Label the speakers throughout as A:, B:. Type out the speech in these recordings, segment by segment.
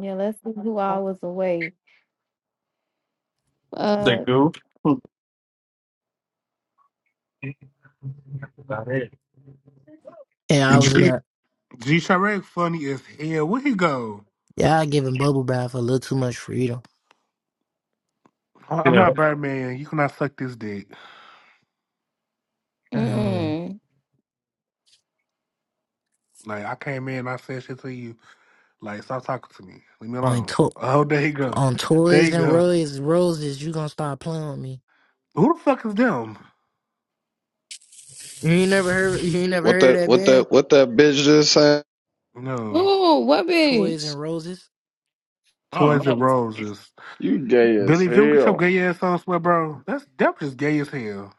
A: Yeah, let's see who I was away.
B: The
A: Uh,
B: goo?
C: And I was
D: G
C: like,
D: G Sharek funny as hell. Where he go?
C: y'all giving Bubble Bath a little too much freedom.
D: I- I'm
B: Yeah.
D: not Birdman. You cannot suck this dick.
C: Um,
A: mm-mm.
D: Like I came in, and I said shit to you. Like stop talking to me. Leave me
C: on
D: alone.
C: to-
D: Oh, there you go.
C: on
D: There
C: toys
D: you
C: and
D: go.
C: roses, roses, you gonna start playing with me.
D: Who the fuck is them?
C: You ain't never heard you ain't never
E: What
C: heard
E: that
C: of that
E: what
C: band?
E: that what that bitch just said?
D: No,
A: Ooh, what
C: Toys
A: bitch?
C: and Roses.
B: I don't
D: Toys and
B: know.
D: Roses.
E: You gay as
D: Billy, if you don't get your
E: hell.
D: gay ass on, swear, bro, that's that's just gay as hell.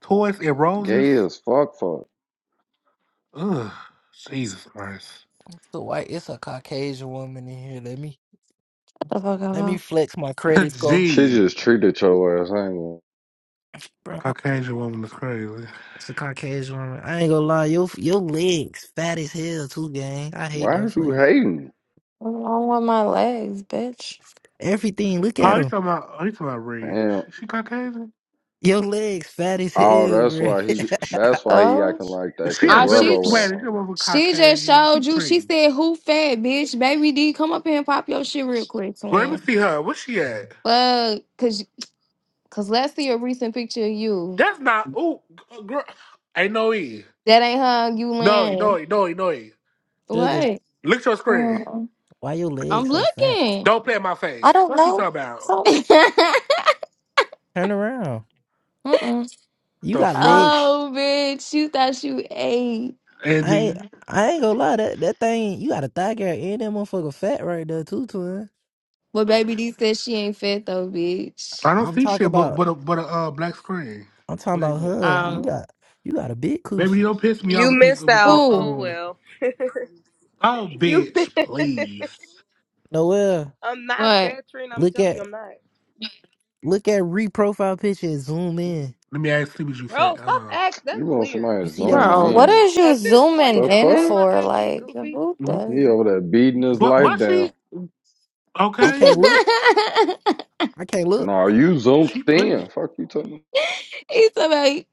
D: Toys and Roses.
E: Gay as fuck fuck.
D: Ugh, Jesus Christ.
C: It's a white it's a Caucasian woman in here. Let me
F: The fuck am
C: let me
F: I?
C: flex my credit score.
E: She
D: Gee,
E: just treated your ass. I ain't gonna-
C: Bro,
D: Caucasian woman is crazy.
C: it's a Caucasian woman. I ain't gonna lie, your your legs fat as hell too, gang. I hate
E: Why
C: that
E: is
C: for
E: you
C: you.
E: hating?
F: What's wrong with my legs, bitch?
C: Everything, look at
D: Oh, you
C: them.
D: talking about? Oh, you talking about Red?
E: Damn.
D: She, she Caucasian?
C: Your legs fat as
E: oh,
C: hell,
E: that's
C: bro.
E: why he
D: She
E: that's why he
F: So,
E: acting like that, cause
D: a
A: Ah, she
E: Rello at
A: sh-
D: Venezuelan.
E: home.
D: She over
A: she just
D: Caucasian. She
A: showed you. She
D: pretty.
A: said, "Who fat bitch? Baby D, come up here and pop your shit real quick,
D: Girl, let me
A: twin."
D: see her. Where she at?
A: Well, cause cause let's see a recent picture of you.
D: That's not. Ooh, g- uh, girl. Ain't no E.
A: That ain't how you
D: No E. No
A: land.
D: E. No E. No E.
C: Sugar.
A: What?
D: Look at your screen.
F: Mm.
C: Why your
A: I'm
C: legs so fat?
A: looking.
D: Don't play in my
F: I
D: face.
F: don't
D: Fuck you
F: know.
D: talking about.
F: So,
C: Turn around.
F: mm-mm.
C: You
D: The
C: got
D: fuck,
C: legs.
A: oh, bitch, you thought you ate,
C: I ain't
D: Andy?
C: I ain't gonna lie, that that thing you got a thigh gap and that motherfucker fat right there too, twin.
A: but baby D said she ain't fat though,
D: I
A: bitch.
D: don't
C: I'm
D: see
C: talking
D: shit but
C: about
D: but a but a uh, black screen.
C: I'm talking
D: Wait,
C: about
D: wait.
C: her. You
A: Um,
C: got you got a big
D: Baby, you
C: coochie.
D: don't piss me off
G: You
D: with these
G: missed
D: with
G: out.
D: this. Uh,
A: who?
G: Oh well.
D: oh,
G: you.
D: bitch, please.
C: Noel,
G: I'm not
A: What?
G: featuring. I'm
C: look
G: telling
C: at
G: you, I'm not.
C: look at re profile picture and zoom in.
D: Let me ask see what you said.
G: Bro,
D: Hold
G: stop
D: on.
G: acting.
E: You
G: That's
E: want
G: weird.
E: somebody
C: You
E: to
C: see that
E: zoom
A: Bro.
C: motherfucker?
F: what
E: in.
F: is you
G: At this point,
F: zooming
E: The
G: just
F: in
G: add
E: fuck?
G: my
F: for?
G: IG,
F: Like,
G: Goofy.
F: who
E: He
F: does? It?
E: over there beating his
D: What?
C: I
E: life
D: What
E: down.
D: she?
C: I
A: He's
D: Okay.
C: can't look.
F: Mm,
C: I can't look.
E: No, you zoomed
D: She pretty.
E: in. Fuck you talking. about?
A: about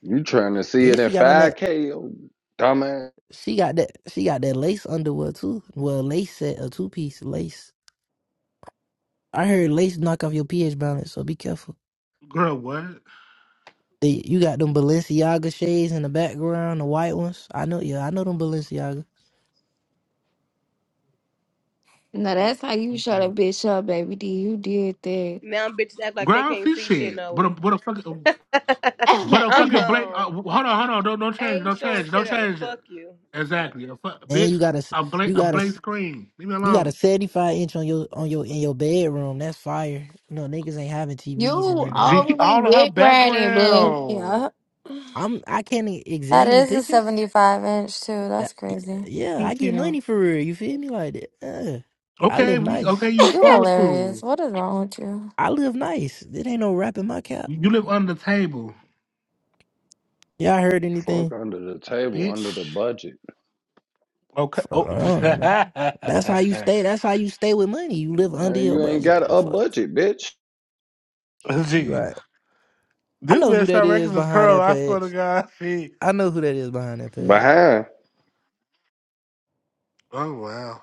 E: You trying to see it
C: And
E: in
C: she got on that
E: 5K, you dumbass.
C: she got that she got that lace underwear too. Well lace set a two piece lace. I heard lace knock off your pH balance, so be careful.
D: Girl, what?
C: They, you got them Balenciaga shades in the background, the white ones. I know, yeah, I know them Balenciaga.
A: no, that's how you shut a
D: Mm-mm.
A: bitch up, baby D. You did
G: Now bitches act like
D: Girl,
G: they
D: I don't
G: can't
D: see
G: see shit,
D: shit.
G: no
D: But a
G: we.
D: but a fucking but a
G: I'm
D: fucking
A: that.
D: blank.
G: gone.
D: Uh, hold on, hold on. Don't don't change.
G: ain't
D: Don't
G: showing
D: change. Don't
G: shit else.
D: change it.
G: Fuck you.
D: Exactly. A fuck,
C: And
D: bitch.
C: you got a, s-
D: A blank
C: you
D: a
C: got a,
D: blank
C: s-
D: screen. Leave me
C: you got a
D: alone.
C: seventy-five inch on your on your in your bedroom. That's fire. No niggas ain't having TVs in
A: you
C: their room.
D: G,
A: overly
D: all of her
A: dick riding, but
D: background.
F: Yeah,
C: I'm, I can't e-
F: that
C: examine the
F: is a
C: picture.
F: seventy-five inch too.
C: That,
F: That's crazy.
C: yeah, I
D: Thank
C: get
D: you.
C: money for real. You feel me? Like that. Uh, I
D: Okay,
C: live
D: we okay.
C: nice.
D: You
F: You
D: supposed
F: hilarious.
D: to.
F: What is wrong with you?
C: I live nice. It ain't no rap in my cap.
D: You live under the table,
C: Y'all heard
E: Fuck
C: anything?
E: under the table,
D: bitch.
E: under the budget.
D: Okay.
C: Uh,
D: Oh,
C: no, no. That's how you stay. That's how you stay with money. You live under
E: Man,
C: your
E: you ain't
C: budget.
E: got
C: The
E: a
C: fuck?
E: budget, bitch.
D: gee,
C: Right. I
D: this
C: know who
D: bitch
C: that
D: Sean
C: is
D: Records a
C: behind
D: troll.
C: that
D: I swear to
C: page.
D: God, she.
C: I know who that is behind that
E: But
C: page.
E: how?
D: Oh wow.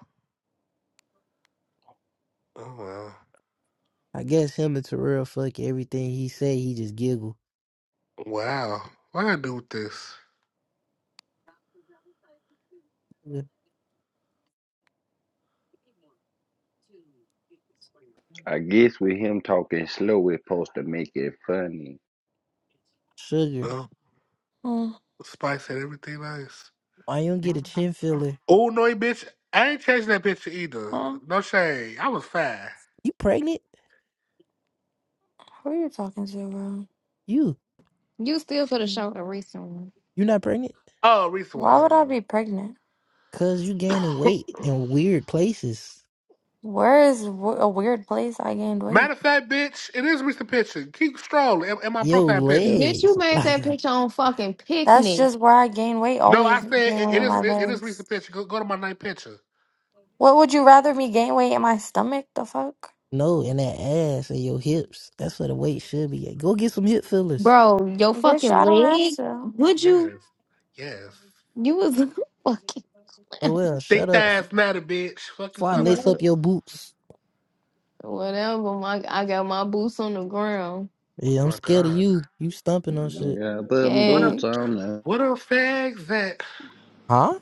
D: Oh wow.
C: I guess him and Terrell fuck everything he say. He just giggle.
D: Wow. What I do with this?
C: Yeah.
E: I guess with him talking slow, it's supposed to make it funny.
C: Sugar.
D: Oh,
F: Mm.
D: Spice had everything nice.
C: Why you don't get a chin filler?
D: Oh no, bitch. I ain't changing that picture either.
F: Mm.
D: No shade. I was fine.
C: You pregnant?
F: Who are you talking to, bro?
C: You?
A: you still for the
F: Mm.
A: show the recent one.
C: You not pregnant?
D: Oh, recent one.
F: Why would I
D: Hold
F: be pregnant?
C: Cause you gaining
D: on.
C: weight in weird places.
F: Where is w- a weird place I gained weight?
D: Matter of fact, bitch, it is recent picture. Keep strolling in, in my
C: Yo
D: profile pictures.
A: Bitch, you
C: legs.
A: made
C: like.
A: that picture on fucking
F: That's
A: picnic,
F: just where I gain weight.
D: No, I
F: Always
D: said
F: gain
D: it,
F: weight
D: it
F: in
D: is.
F: my
D: It, it is
F: legs.
D: recent picture. Go, go to my night picture.
F: What would you rather me gain weight in my stomach? The fuck?
C: No, in that ass and your hips. That's where the weight should be at. Go get some hip fillers.
A: bro. Your
F: Bitch,
A: fucking
F: I don't have
A: leg.
F: to.
A: Would
D: Yes,
A: you?
D: yes.
A: You was fucking
C: Oh well, shut
D: Thick
C: up. f-
D: thighs matter, bitch. Fuck you
C: Before I
D: talking
C: lace
D: about.
C: up
A: no.
C: your boots.
A: Whatever. My I got my boots on the ground.
D: Oh
C: Yeah, I'm
D: my
C: scared of
D: god.
C: you. You stumping on
E: You
C: shit.
E: got put them
D: What
A: Yeah.
D: up?
E: boots on now.
D: What up, fags? That
C: Huh?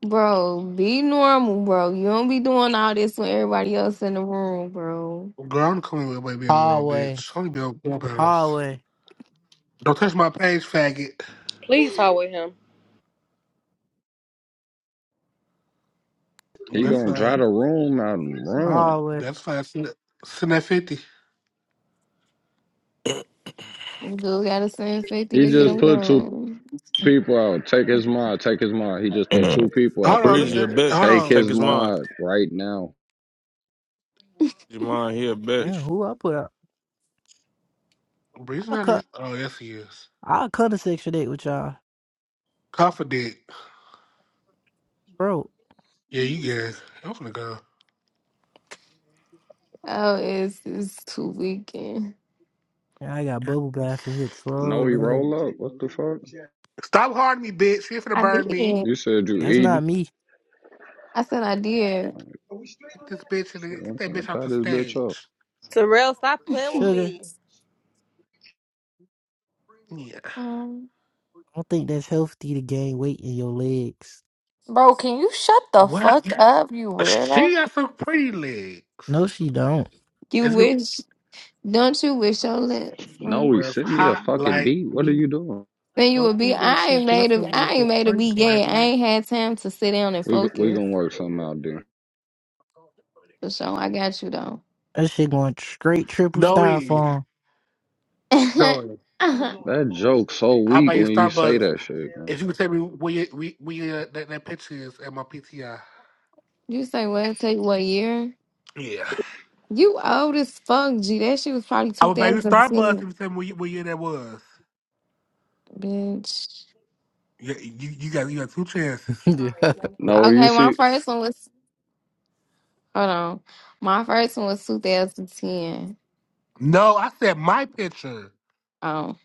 A: Bro, be normal, bro. You don't be doing all this with everybody else in the room, bro.
D: Girl, I'm coming with baby in the room,
C: Hallway,
D: bitch. Only be on Clubhouse.
C: hallway,
D: Don't touch my page, faggot.
G: Please hold with him.
E: He
D: That's
E: gonna
D: fine.
E: try the room out and run.
C: hallway.
D: That's fine. Send, that- send that 50.
A: You just gotta send 50
E: He
A: to get
E: just
A: them
C: Shit.
E: put two
A: gone.
E: people out. Take his mod. Take his mod. He just put two
H: Mm.
E: people
D: Hold
E: out the
D: on. Let
H: Breezy
D: me,
E: room.
H: a
D: uh, hold
E: Take
H: bitch. Take
E: his
H: his
D: on. Let-
H: mind.
E: mod right now.
H: Your mind, he a bitch.
D: you-
C: Yeah, who I put up?
D: Bree's
C: I
D: not in.
C: cut
D: Oh, yes, he is.
C: I'll cut a section date with y'all.
D: Confident.
C: Bro.
D: Yeah, you good. I'm finna go.
A: Oh, it's, it's too weekend.
C: Yeah, I got bubble bath and hips.
E: No,
C: Bro,
E: he
C: man.
E: roll up. What the fuck?
D: Stop harding me, bitch. You're finna
A: I
D: burn me.
A: did.
E: You said you
C: That's
E: eating?
C: not me.
A: I said I did.
D: Get this bitch in
E: Shit,
D: there. Get
E: I'm
D: that
E: finna
D: bitch off the
E: fat this bitch up.
D: stage.
G: Terrell, stop playing with
C: Sugar.
G: me.
D: Yeah.
F: Um,
C: I don't think that's healthy to gain weight in your legs.
F: bro, can you shut the
D: What?
F: fuck up, you weirdo?
D: She got some pretty
C: No,
D: legs.
C: she don't.
A: You
D: It's, well,
A: wish, don't you wish your lips
E: No,
A: were-
E: he
D: it's
E: sent me a
D: hot
E: fucking
D: like
E: beat. What are
D: me.
E: you doing?
A: Then you
D: What
A: would
D: do you
A: be, I
D: wish your
A: ain't made a,
D: girlfriend was
A: I
D: a
A: ain't made a
D: freak,
A: be gay. I
D: Gladys?
A: ain't had time to sit down and
E: We we
A: focus.
E: gonna work something out, dude.
A: For sure, I got you though.
C: That shit going straight triple
D: No, E.
C: styrofoam.
D: No.
E: That joke's so
D: How
E: weak
D: about you,
E: when you say
D: Starbucks?
E: that shit, man.
D: If you could tell me where you, where, where you, that, that picture is at my PTI.
A: you say what? Tell you what year?
D: Yeah.
A: You old as fuck, G. That shit was probably
D: I would buy you Starbucks if
A: 2010,
D: you tell me where, you, where year that was.
A: bitch.
D: You, you, you got you got two chances.
C: yeah.
E: No, you
A: Okay, my
E: see,
A: first one was, hold on. My first one was 2010.
D: No, I said my picture.
A: Um,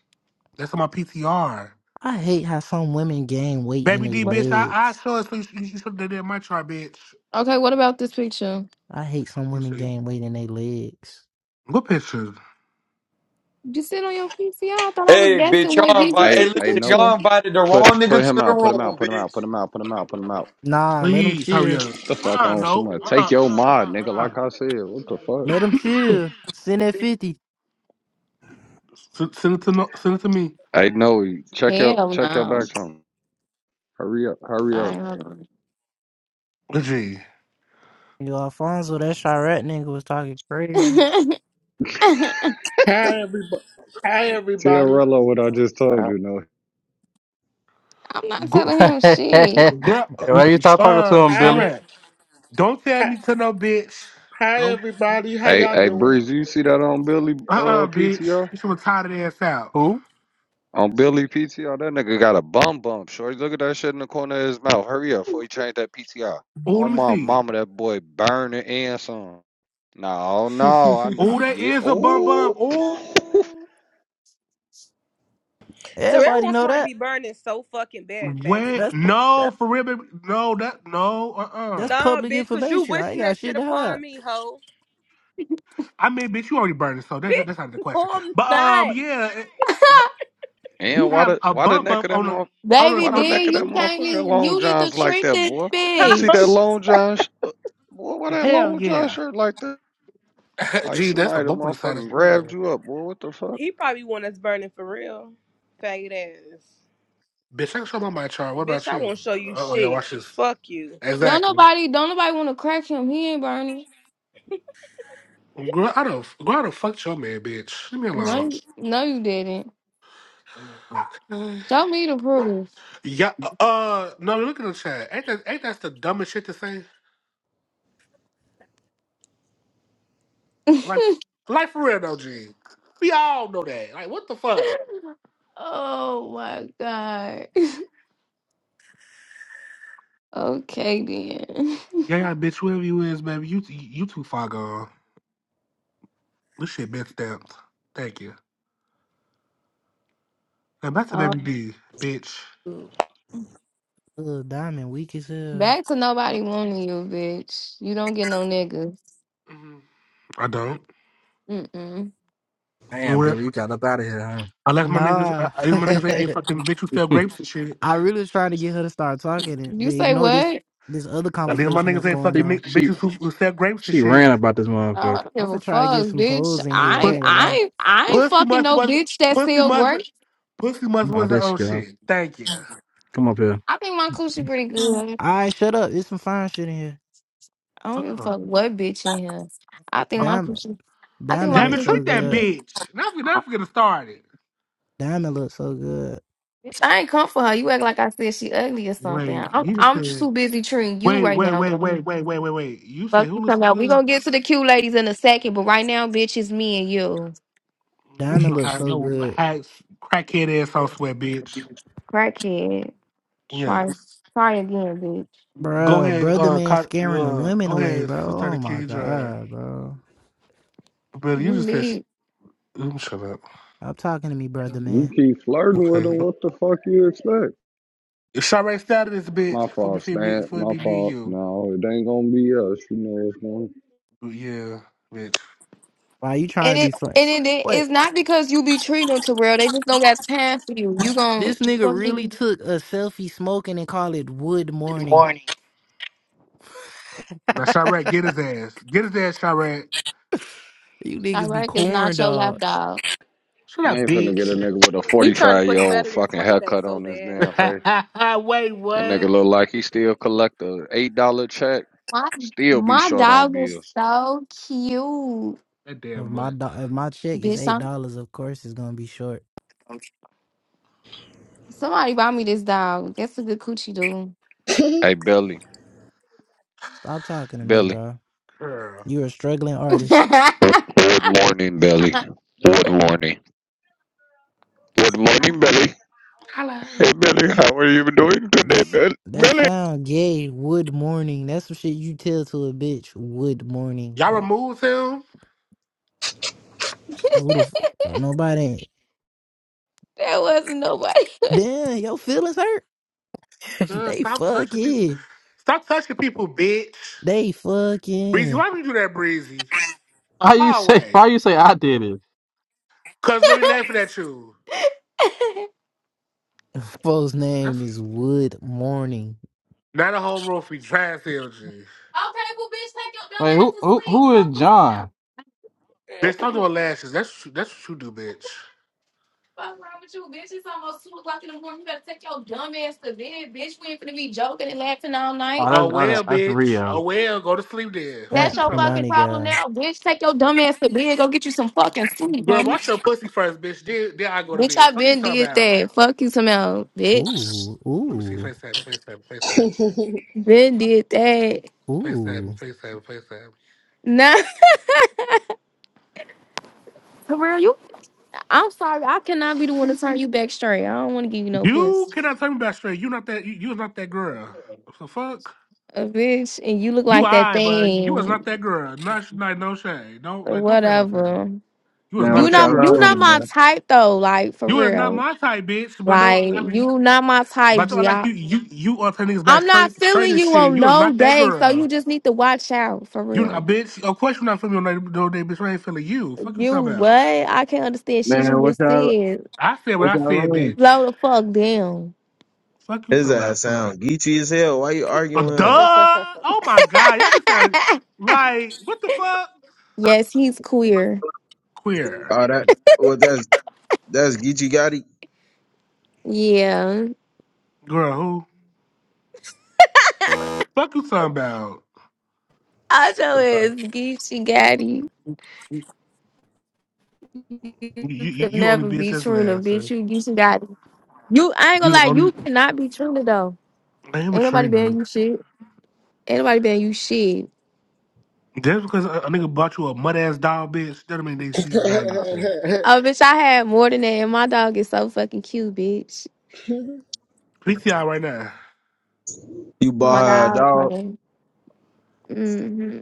D: That's on my PTR.
C: I hate how some women gain weight in
D: Baby
C: their
D: D,
A: what-
D: bitch, I, I
C: legs.
D: show it so you, you should have done that in my chart, bitch.
A: okay, what about this picture?
C: I hate some
D: You
C: women
D: see.
C: gain weight in their legs.
D: What picture?
A: You sit on your PC. I thought I was
I: Hey,
A: guessing
I: bitch,
A: what
I: y'all
A: year you
I: invite. Hey,
E: hey,
A: took the
E: hey,
I: listen,
E: no,
A: picture.
I: y'all invited the wrong
E: put put
I: nigga
E: him
I: to the
E: out, put him
I: room,
E: out, put him out,
I: bitch.
E: put him out, put him out, put him out.
C: Nah, let them
D: Please, hurry
C: chill.
D: up.
E: The fuck
D: Uh-uh,
E: on
D: no.
E: someone.
D: Uh-uh,
E: Take your
D: uh-uh,
E: mod,
D: uh-uh,
E: nigga. Like I
D: uh-uh.
E: said, what the fuck?
C: Let them chill. Send that 50.
D: Send send it to no, send it to me.
E: Hey, no, check your
A: Hell
E: check your back
A: no.
E: channel. Hurry up,
A: All
E: hurry up.
A: right, hold on.
D: G.
C: Yo, Alfonso, that Chirette nigga was talking crazy.
J: Hi everybody. Hi
E: Tell
J: everybody.
E: Rello what I just told
A: Well,
E: you, no.
A: I'm not
D: gr-
A: telling him shit.
D: gr- uh,
B: Why you stop talking to him, Billy?
J: Hi,
D: Sharette, don't tell
J: hi
D: me to no bitch.
J: hi,
D: Don't,
J: everybody. How
E: Hey,
J: y'all
E: hey,
J: doing?
E: Breeze, you see that on Billy
D: uh, uh
E: uh
D: bitch.
E: PTR?
D: Get your retarded ass out.
B: Who?
E: On Billy PTR, that nigga got a bum bump. Shorty, look at that shit in the corner of his mouth. Hurry up before he change that PTR.
D: Oh,
E: Oh
D: let me
E: my
D: see.
E: mama, that boy burning and some. No, no, I,
D: Oh,
E: not
D: that
E: yeah.
D: is a bum bum.
E: Oh,
D: Oh,
G: Terrell
C: Everybody
G: wants
C: know
G: somebody to
C: that.
G: be burning so fucking bad, faggot.
D: wait,
C: That's that,
D: no, for real, baby. No, that no, uh, uh
C: that's
G: Nah,
C: public
G: bitch, cause you
C: information. I
G: wishing
C: ain't
G: that
C: got
G: shit
C: shit to hide.
G: upon me, hoe.
D: I mean, bitch, you already burned it, so that's
G: Bitch,
D: that's not the
G: no,
D: question.
G: I'm
D: But um, yeah, it- he
E: and why
D: have
E: the
D: a
E: why the
D: bump
E: neck
D: bump
E: of that
D: on a
E: mother,
D: on a
A: Baby,
E: why the
D: on,
A: then
E: neck of that
A: you can't
E: motherfucker
A: even,
E: long
A: you need to
E: johns like
A: treat
E: that,
A: this
E: boy? You see
G: not.
E: that
A: bitch.
E: long john, sh- uh, boy? Why that
D: hell
E: long john
D: yeah.
E: shirt like that? Like
D: Gee, that's a
E: somebody that
D: bump on the side of
E: motherfucking
D: the girl.
E: grabbed you up, boy. What the fuck?
G: He probably want us burning for real. Faggot ass.
D: Bitch, I can show my my chart. What
G: Bitch,
D: about
G: I
D: you?
G: won't show you
D: Uh oh, yeah,
G: shit.
D: watch this.
G: Fuck you.
A: Don't
D: Exactly.
A: nobody, don't nobody want to crack him. He ain't burning.
D: Girl, I don't girl, I don't fuck your man, bitch. Leave me
A: No,
D: alone.
A: you- no, you didn't.
D: Okay.
A: Show me the proof.
D: Yeah. Uh, no. Look at the chat. Ain't that ain't that the dumbest shit to say? Like, like for real though, G. We all know that. Like, what the fuck?
A: oh my god. Okay then.
D: Yeah, yeah, bitch. Whoever you is, baby, you you too far gone. This shit been stamped. Thank you. Now back to
K: Oh,
D: baby D, bitch.
K: yeah.
C: Little Diamond weak as hell.
A: Back to nobody wanting you, bitch. You don't get no niggas.
D: Mhm. I don't.
A: Mm-mm.
B: Damn,
D: Well,
B: Billy, you got up out of here,
D: unless my niggas, I,
C: Nah.
D: I, my niggas ain't fucking bitch who sell
B: huh?
D: grapes and shit.
C: I really was trying to get her to start talking and
A: You
C: to
A: say
C: ignore this
A: what?
C: this other
D: At
B: she,
D: least my
C: conversation
D: niggas
C: that's
D: ain't
C: going
B: she,
D: fucking
C: on.
D: ni-
B: she
D: bitches who, who sell grapes and
B: she
D: shit.
B: ran about this
A: Oh, I
B: motherfucker.
A: don't give
C: I'm
A: a
C: finna try to
A: fuck,
C: get some
A: bitch.
C: clothes in
A: I
C: here. I
A: ain't-
D: Pussy,
C: ain't gonna
A: I
C: lie.
A: ain't- I ain't
D: pussy
A: fucking
D: must
A: no
D: was
A: bitch that's
D: pussy
A: still
D: must
A: great.
D: pussy must
B: Oh,
D: was
B: there
D: the
B: she
D: own
B: go.
D: shit. Thank you.
B: Come up here.
A: I think my coochie pretty good.
C: All right, shut up. There's some fine shit in here.
A: I don't give a
D: Uh-uh.
A: fuck what bitch in here. I think
D: Uh-uh.
A: my
C: Diamond,
A: coochie. I think
C: diamond
A: my
D: Damn it,
C: looks so
A: coochie
D: treat that
A: pretty
C: good.
A: good.
D: bitch. Now we never get it started.
C: Diamond looks so good.
A: Bitch, I ain't come for her. You act like I said she ugly or something.
D: Wait,
A: I'm
D: you just
A: I'm
D: said.
A: too busy treating you
D: Wait,
A: right
D: wait,
A: now,
D: wait,
A: though.
D: wait, wait, wait, wait, wait. You said
A: Fuck
D: who
A: you
D: looks
A: talking
D: so
A: about. We
D: good?
A: gonna get to the cute ladies in a second, but right now, bitch, it's me and you.
D: This
C: Diamond
D: do
C: looks
D: have
C: so
D: your
C: good,
D: hacks, crackhead ass on sweat, bitch.
A: Crackhead. Try
D: Yes.
A: try again, bitch.
D: Go
C: bro.
D: ahead,
C: Brother
D: uh,
C: man
D: co-
C: scaring the
D: uh
C: women
D: go
C: away,
D: ahead,
C: bro.
D: sister
C: Oh
D: the
C: my
D: Kendra.
C: god, bro.
D: But you
A: You
D: just said, sh-
A: need
D: mm, shut up.
C: Stop talking to me, brother
E: You
C: man.
E: keep flirting with him.
D: Okay.
E: What the fuck you expect?
D: Shirek started this bitch
E: My
D: for before we
E: fault,
D: feel me
E: Stan.
D: before it
E: My
D: be me and
E: fault.
D: you.
E: No, it ain't gonna be us. You know what's going. on.
D: Yeah, bitch.
C: Why you trying
A: and
C: to be
A: it
C: fun?
A: and it
C: What?
A: it's not because you be treating them to real. They just don't got time for you. You gon'
C: This nigga really
A: to
C: took a selfie smoking and call it wood morning.
D: Now Shirek, get his ass. Get his ass, Shirek.
C: you niggas be
A: Direct is
C: corn
A: not your lap
C: dogs.
A: dog.
D: Shut
E: I
D: up,
E: ain't finna get a
D: bitch.
E: nigga with a
G: He
E: forty
G: trying to
E: five
G: put
E: year
G: the
E: old
G: battery in
E: fucking
G: somebody's back
E: haircut
G: so
E: on his damn
G: bad.
E: face.
D: Wait,
E: That nigga
D: what?
E: look like he still collect a eight dollar check.
A: My
E: Still be
A: my
E: short on
A: dog is
E: bills.
A: so cute.
D: That damn
C: If my
D: mutt.
C: do- if my check is
A: Bitch,
C: eight
A: I'm,
C: dollars, of course it's gonna be short.
A: somebody buy me this dog. That's a good coochie dude.
E: Hey Billy,
C: Stop talking to me,
E: Billy.
C: bro.
D: Girl.
C: You're a struggling artist.
A: that
E: Good morning, Billy. Good morning. Good morning, Billy.
D: Hello.
E: Hey Billy, how are you doing today,
C: That's
E: Bill-
C: that
E: Billy?
C: sound gay. Wood morning. That's some shit you tell to a bitch. Wood morning.
D: Y'all
C: Like
D: removed him?
C: who the fuck? Nobody.
A: wasn't nobody.
C: Damn, your feelings hurt.
D: Girl,
C: they
D: stop touching people.
C: fucking.
D: Stop touching people, bitch.
C: They
D: Breezy,
C: fucking.
D: why would you do that, Breezy?
B: How you say?
D: Hallway.
B: Why you say I did it?
D: Cause no, he laughing at you.
C: Folks'
D: That's
C: name is Wood Morning.
D: not a whole room for you. Trash LG.
A: Okay, well, bitch, take your dumb
B: Like
A: ass
B: who?
A: to
B: Who?
A: sleep.
B: Who is
A: Fuck this now.
B: John?
D: Bitch, stop doing lashes. That's that's what you do, bitch.
A: Fuck wrong with you, bitch? It's almost two o'clock in the morning. You better take your dumb ass to bed, bitch. We ain't finna be joking and laughing all
B: Oh,
A: night.
D: Oh
B: that's oh,
D: well,
B: that- that's
D: bitch. Oh
B: Rio.
D: well, go to sleep then. Fuck
A: That's
C: Fat
D: you
A: your
D: talking about.
A: fucking
C: Punani
A: problem
C: guy.
A: now, bitch. Take your dumb ass to bed. Go get you some fucking sleep,
D: Girl,
A: honey.
D: watch your pussy first, bitch. Then, then I go to
A: Bitch,
D: bed.
A: I
D: Fuck you
A: been
D: talking
A: did
D: about.
A: that. Fuck you, some bitch.
C: Ooh,
D: Let me see
C: ooh,
D: FaceTime, FaceTime, FaceTime,
A: Been did that.
D: FaceTime,
C: ooh. All
D: FaceTime, FaceTime.
A: Nah, for real, you. I'm sorry. I cannot be the one to turn you back straight. I don't want to give you no puss.
D: You cannot tell me about straight. You not that. You, you was not that girl. So fuck.
A: a bitch and you look
D: You
A: like that
D: I, but you was not
A: thing
D: that girl. Not like no shade. Don't like don't play my fan.
A: whatever.
D: You was
L: Man,
D: not
A: You
L: what
D: that
A: not
L: y'all
D: girl,
A: you not
L: on,
D: bitch.
A: my
L: man?
A: type though, like for
D: You was not
A: real.
D: my type, bitch. But don't.
A: Like
D: I mean,
A: you not my type,
D: but don't,
A: G.
D: like
A: I,
D: you, you, you are turning niggas back
A: I'm not
D: straight, straight
A: feeling
D: as
A: you
D: shit.
A: on
D: You was
A: no
D: not that
A: day, so
D: girl.
A: you just need to watch out for
D: You a
A: real.
D: bitch. Of course you're not feeling your name, no name, bitch. I ain't feeling you. Fuck you
A: You
D: talking
A: what?
D: about.
A: I can't understand shit you
L: Man, what
A: just
L: y'all
A: said.
D: I said what
L: what
D: I
L: y'all
D: said,
L: on?
D: bitch.
A: Slow the fuck down.
D: Fuck you
L: His
D: talking about.
L: ass sound geechy as hell. Why you
D: Oh,
L: arguing with
D: duh.
L: him?
D: Oh my god. Y'all be saying like what the fuck?
A: Yes, he's queer.
D: Queer
L: Oh that well that's that's Geechee Gotti.
A: Yeah.
D: girl. Who? Fuck you talking about.
A: Also is Geechee Gotti.
D: You
A: You
D: you,
A: could
D: you only
A: never
D: bitch
A: be
D: that's
A: Trina, bitch.
D: laughing.
A: You Geechee Gotti. You, I ain't gonna
D: You
A: lie,
D: the
A: you
D: only.
A: cannot be treated though.
D: I am a
A: Ain't nobody
D: trainer.
A: paying you shit. Ain't nobody paying you shit.
D: Just because a, a nigga bought you a mud ass doll, bitch, doesn't mean that he's bagging
A: Oh,
D: too.
A: oh, bitch, I had more than that, and my dog is so fucking cute, bitch.
D: PTI right now.
L: You
A: Oh,
L: bought
A: my
L: her a
D: Uh-uh.
A: dog, my
L: dog.
A: name. Mm-hmm.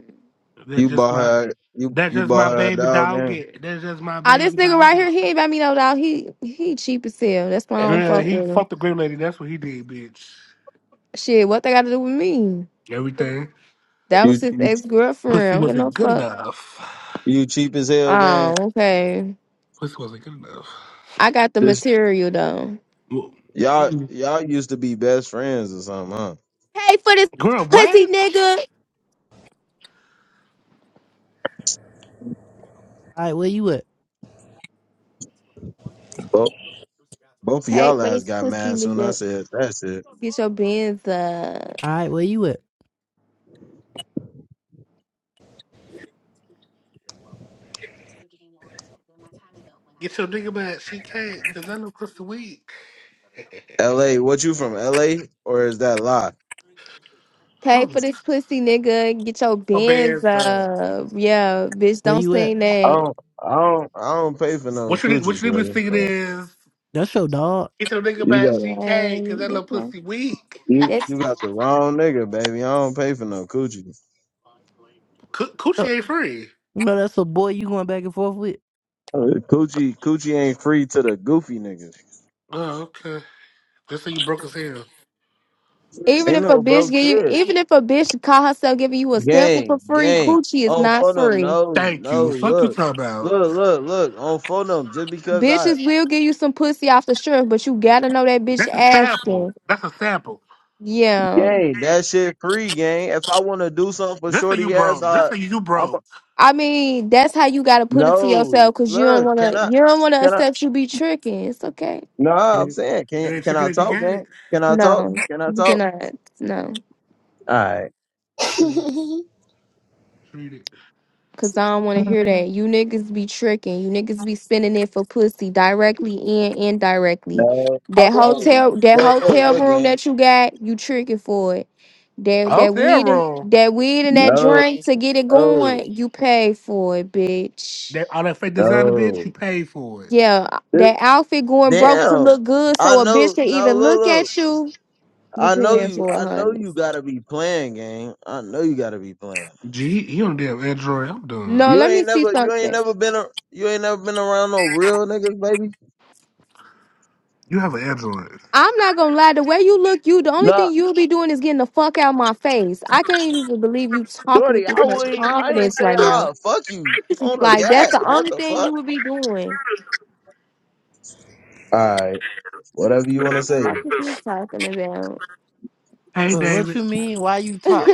D: That's
L: You
D: just
L: bought
D: my
L: her you
D: That's
L: you
D: just my
L: bought her a
D: baby
L: dog game.
D: doggy. That's just my
A: Oh, this
D: baby
A: nigga right
D: doggy.
A: here, he ain't buy me no dog. He he cheap as hell. That's why I don't
D: Yeah,
A: fuck
D: he
A: with him.
D: fucked the grim lady. That's what he did, bitch.
A: Shit, what they got to do with me?
D: Everything.
A: That
L: You
A: was his
L: you,
A: ex girlfriend. I
D: Pussy
A: don't give no
D: wasn't good
A: fuck.
D: enough.
L: you cheap as hell game.
A: Oh, okay.
D: Pussy wasn't good enough.
A: I got the
L: This
A: material though.
D: Whoa.
L: y'all
D: Mm.
L: y'all used to be best friends or something, huh?
A: Pay for this
D: Girl,
A: pussy
D: what?
A: nigga.
C: right, where you at?
L: Both both of
A: Pay
L: y'all
A: for
L: ass
A: this
L: got
A: pussy
L: mad soon I
A: nigga.
L: said that's it.
A: Get your bands up.
C: All right, where you at?
D: Get your nigga back. She can't, because I know Crystal weak.
L: LA, what you from LA or is that lie?
A: Pay
D: Holy
A: for this pussy, nigga. Get your
D: my
A: bands
D: bears up.
A: up. Yeah, bitch,
C: Where
A: don't
C: you at?
A: sing
L: I
A: that.
L: don't I don't I don't pay for no
D: What you, what
L: coochie,
D: you nigga be thinking
L: shorty.
D: is,
C: That's your dog.
D: get your nigga
L: You
D: back.
L: got
D: She
A: Yeah,
D: can't, because
A: and
D: that
A: that's
D: little
A: my-
D: pussy weak.
L: you you
A: that's-
L: got the wrong nigga, baby. I don't pay for no coochie.
D: Coo-
C: Uh,
D: Coochie ain't free.
C: You know that's a boy you going back and forth with.
L: Uh, Coochie coochie ain't free to the goofy niggas.
D: Oh, okay. Just so you broke his hand.
A: even
L: Ain't
A: if a
L: no
A: bitch
L: broke
A: give you,
L: shit.
A: even if a bitch call herself giving you a sample
L: Gang,
A: for free,
L: gang.
A: coochie is
L: On
A: not
L: phone them,
A: free.
L: no,
D: Thank
L: no,
D: you. Fuck you
L: look.
D: talking
L: Look,
D: about.
L: look, look. On phone them just because I
A: Bitches will give you some pussy off the strength, but you gotta know that bitch
D: That's a sample.
A: asking.
D: That's a sample.
A: Yeah,
L: gang, that shit free, gang. If I wanna do something for
D: This for you,
L: shorty ass,
D: bro. This
L: I
D: for you,
L: I'm
D: bro.
A: I mean that's how you gotta put it to
L: no
A: yourself, cause you don't
L: look, can
A: wanna,
L: I
A: you don't wanna
L: can I
A: accept you be tricking. It's okay.
L: no, I'm
D: And
L: saying can
D: and then
L: can
D: trick it
L: I
D: if you
L: talk,
D: got
L: gang?
D: it.
L: Can I talk?
A: No,
L: Can I
A: you
L: talk?
A: cannot. No.
L: All right.
D: Treat treat
A: Cause I don't want to hear that. You niggas be tricking. You niggas be spending it for pussy directly and indirectly.
L: No,
J: How
A: That
J: about me?
L: no.
A: hotel, that
L: Look, look,
A: hotel
L: look,
D: it.
A: room
L: gang.
A: that you got, you tricking for it. That that
D: Hotel
A: weed and
D: room.
A: that weed and that
L: No,
A: drink to get it
L: no,
A: going, you pay for it, bitch.
D: That all that fake designer bitch,
L: no.
D: you paid for it.
A: Yeah,
L: This,
A: that outfit going broke to
L: damn.
A: look good
L: I
A: so a
L: know.
A: bitch can
L: No,
A: even
L: look,
A: look
L: look.
A: at you. You
L: I know
A: paying
L: you.
A: for
L: I
A: it,
L: know
A: honey.
L: you gotta be playing, gang. I know you gotta be playing.
D: Gee, you don't have Android. I'm done.
A: No,
L: You
A: let me
L: ain't
A: see
L: never. You
A: something.
L: ain't never been. A, you ain't never been around no real niggas, baby.
D: You have an Android.
A: I'm not gonna lie. The way you look, you the only
L: Nah,
A: thing you'll be doing is getting the fuck out my face. I can't even believe you talking with
L: Jordy.
A: this
L: I
A: much
L: wouldn't. I ain't
A: confidence
L: say.
A: right now.
L: Ah, fuck you
M: How
L: on the
A: Like that's
L: gas.
A: the
L: What
A: only
L: the
A: thing you
L: fuck?
A: would be doing.
L: All right. Whatever you wanna say.
A: Fuck is you talking about?
D: Hey,
C: But what
D: David.
C: you mean? Why you
A: if
C: talk?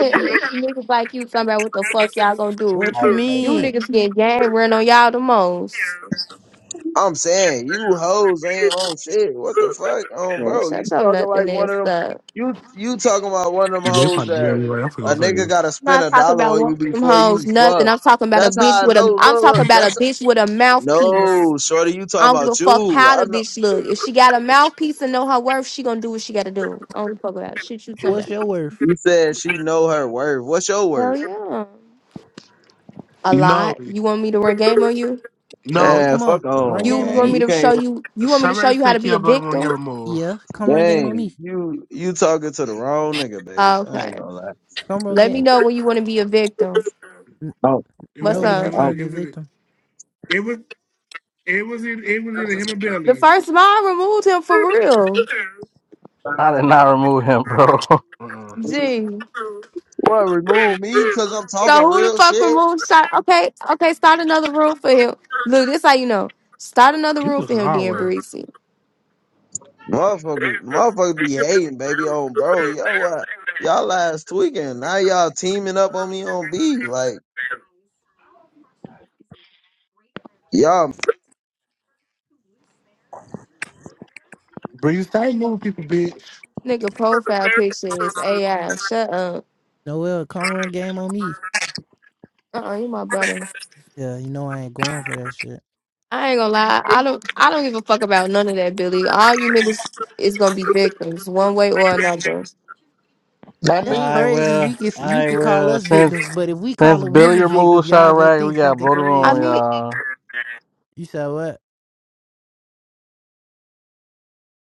A: niggas like you, talking about what the fuck y'all gonna do?
C: What you
M: you, how you
A: You
M: doing?
C: mean?
A: niggas getting gang run on y'all the most.
L: I'm saying you hoes ain't on shit. What the fuck, um,
A: Man,
L: bro? You
A: shut your
L: talking like
A: nothing
L: one of
A: ass
L: them?
A: up.
L: You you talking about one of them
D: You ain't
L: hoes
D: probably DM
L: that
D: me right. I'm
L: a
D: finna
L: nigga
D: say
L: gotta
A: I'm
L: spend a
A: not talking
L: dollar
A: about
L: on
A: one
L: you
A: of them
L: before you
A: hoes, nothing.
L: fuck?
A: I'm talking about a
L: That's how
A: bitch
L: I
A: with
L: know.
A: a. I'm
L: Look,
A: talking
L: look,
A: about a
L: that's
A: bitch with a mouthpiece.
L: no shorty. You
A: I
L: talking
A: don't give a
L: about
A: fuck
L: you?
A: how
L: I
A: the
L: know.
A: bitch look. If she got a mouthpiece and know her worth, she gonna do what she gotta do. I don't give a fuck about it. Shit, shoot somebody.
C: What's your worth?
L: You said she know her worth. What's your
A: Hell
L: worth?
A: yeah. A
D: it. No,
A: lot. You want me to run game on you?
C: Yeah,
D: no.
L: Man,
C: come on,
L: fuck
C: run
L: on,
A: You
C: game
A: you
C: on
A: want
L: gang.
A: me
C: me.
L: You
A: to show
L: can't,
A: you? You want me to show
D: Somebody
A: you how
D: said
A: to be
D: Kia
A: a
D: blood room get
A: victim?
D: removed.
C: Yeah, come run game on
L: gang.
C: me.
L: You you talking to the wrong nigga, baby.
A: Oh,
L: I ain't
A: Okay.
L: gonna lie.
C: Come run
A: Let me
C: game.
A: know when you want to be a victim.
C: N-
L: Oh,
D: It was
A: What's
C: No,
D: it,
C: yeah,
D: it
C: I'm
A: up?
D: was
C: trying
L: uh,
C: to
D: it
C: be a
D: was in
C: victim.
D: it was it was in it was in him and
A: The
D: Billy.
A: first mom removed him for real.
B: I did not remove him, bro.
D: Uh, uh
L: oh.
A: Gee.
L: What, remove me because I'm talking
A: So who the
L: real
A: fuck
L: shit?
A: removed shot? Okay, okay. Start another room for him. Look, this how you know. Start another
D: you
A: room
D: was
A: for
D: in the
A: him, Dan
D: hallway.
A: Breezy.
L: Motherfuckers, motherfuckers be hating, baby, on bro. Yo, what? Y'all last tweaking. Now y'all teaming up on me on B. Like, y'all
D: Bro, you start moving people, bitch.
A: Nigga profile picture is AI. Shut up.
C: Noel, come run game on me.
A: Uh uh you my brother.
C: Yeah, you know I ain't going for that shit.
A: I ain't gonna lie. I don't I don't give a fuck about none of that, Billy. All you niggas is gonna be victims one way or another.
J: Not
C: That's
J: me.
B: I
C: crazy.
B: will.
C: We can you
B: I
C: could call
B: will.
C: us
B: Since
C: victims, but if we call
B: since
C: a
B: Billy
C: woman victim,
B: removed
C: y'all gonna
B: Chirac,
C: think
B: we got
C: something
B: Brody
A: I
B: on,
C: crazy.
A: mean
B: y'all.
C: You said what?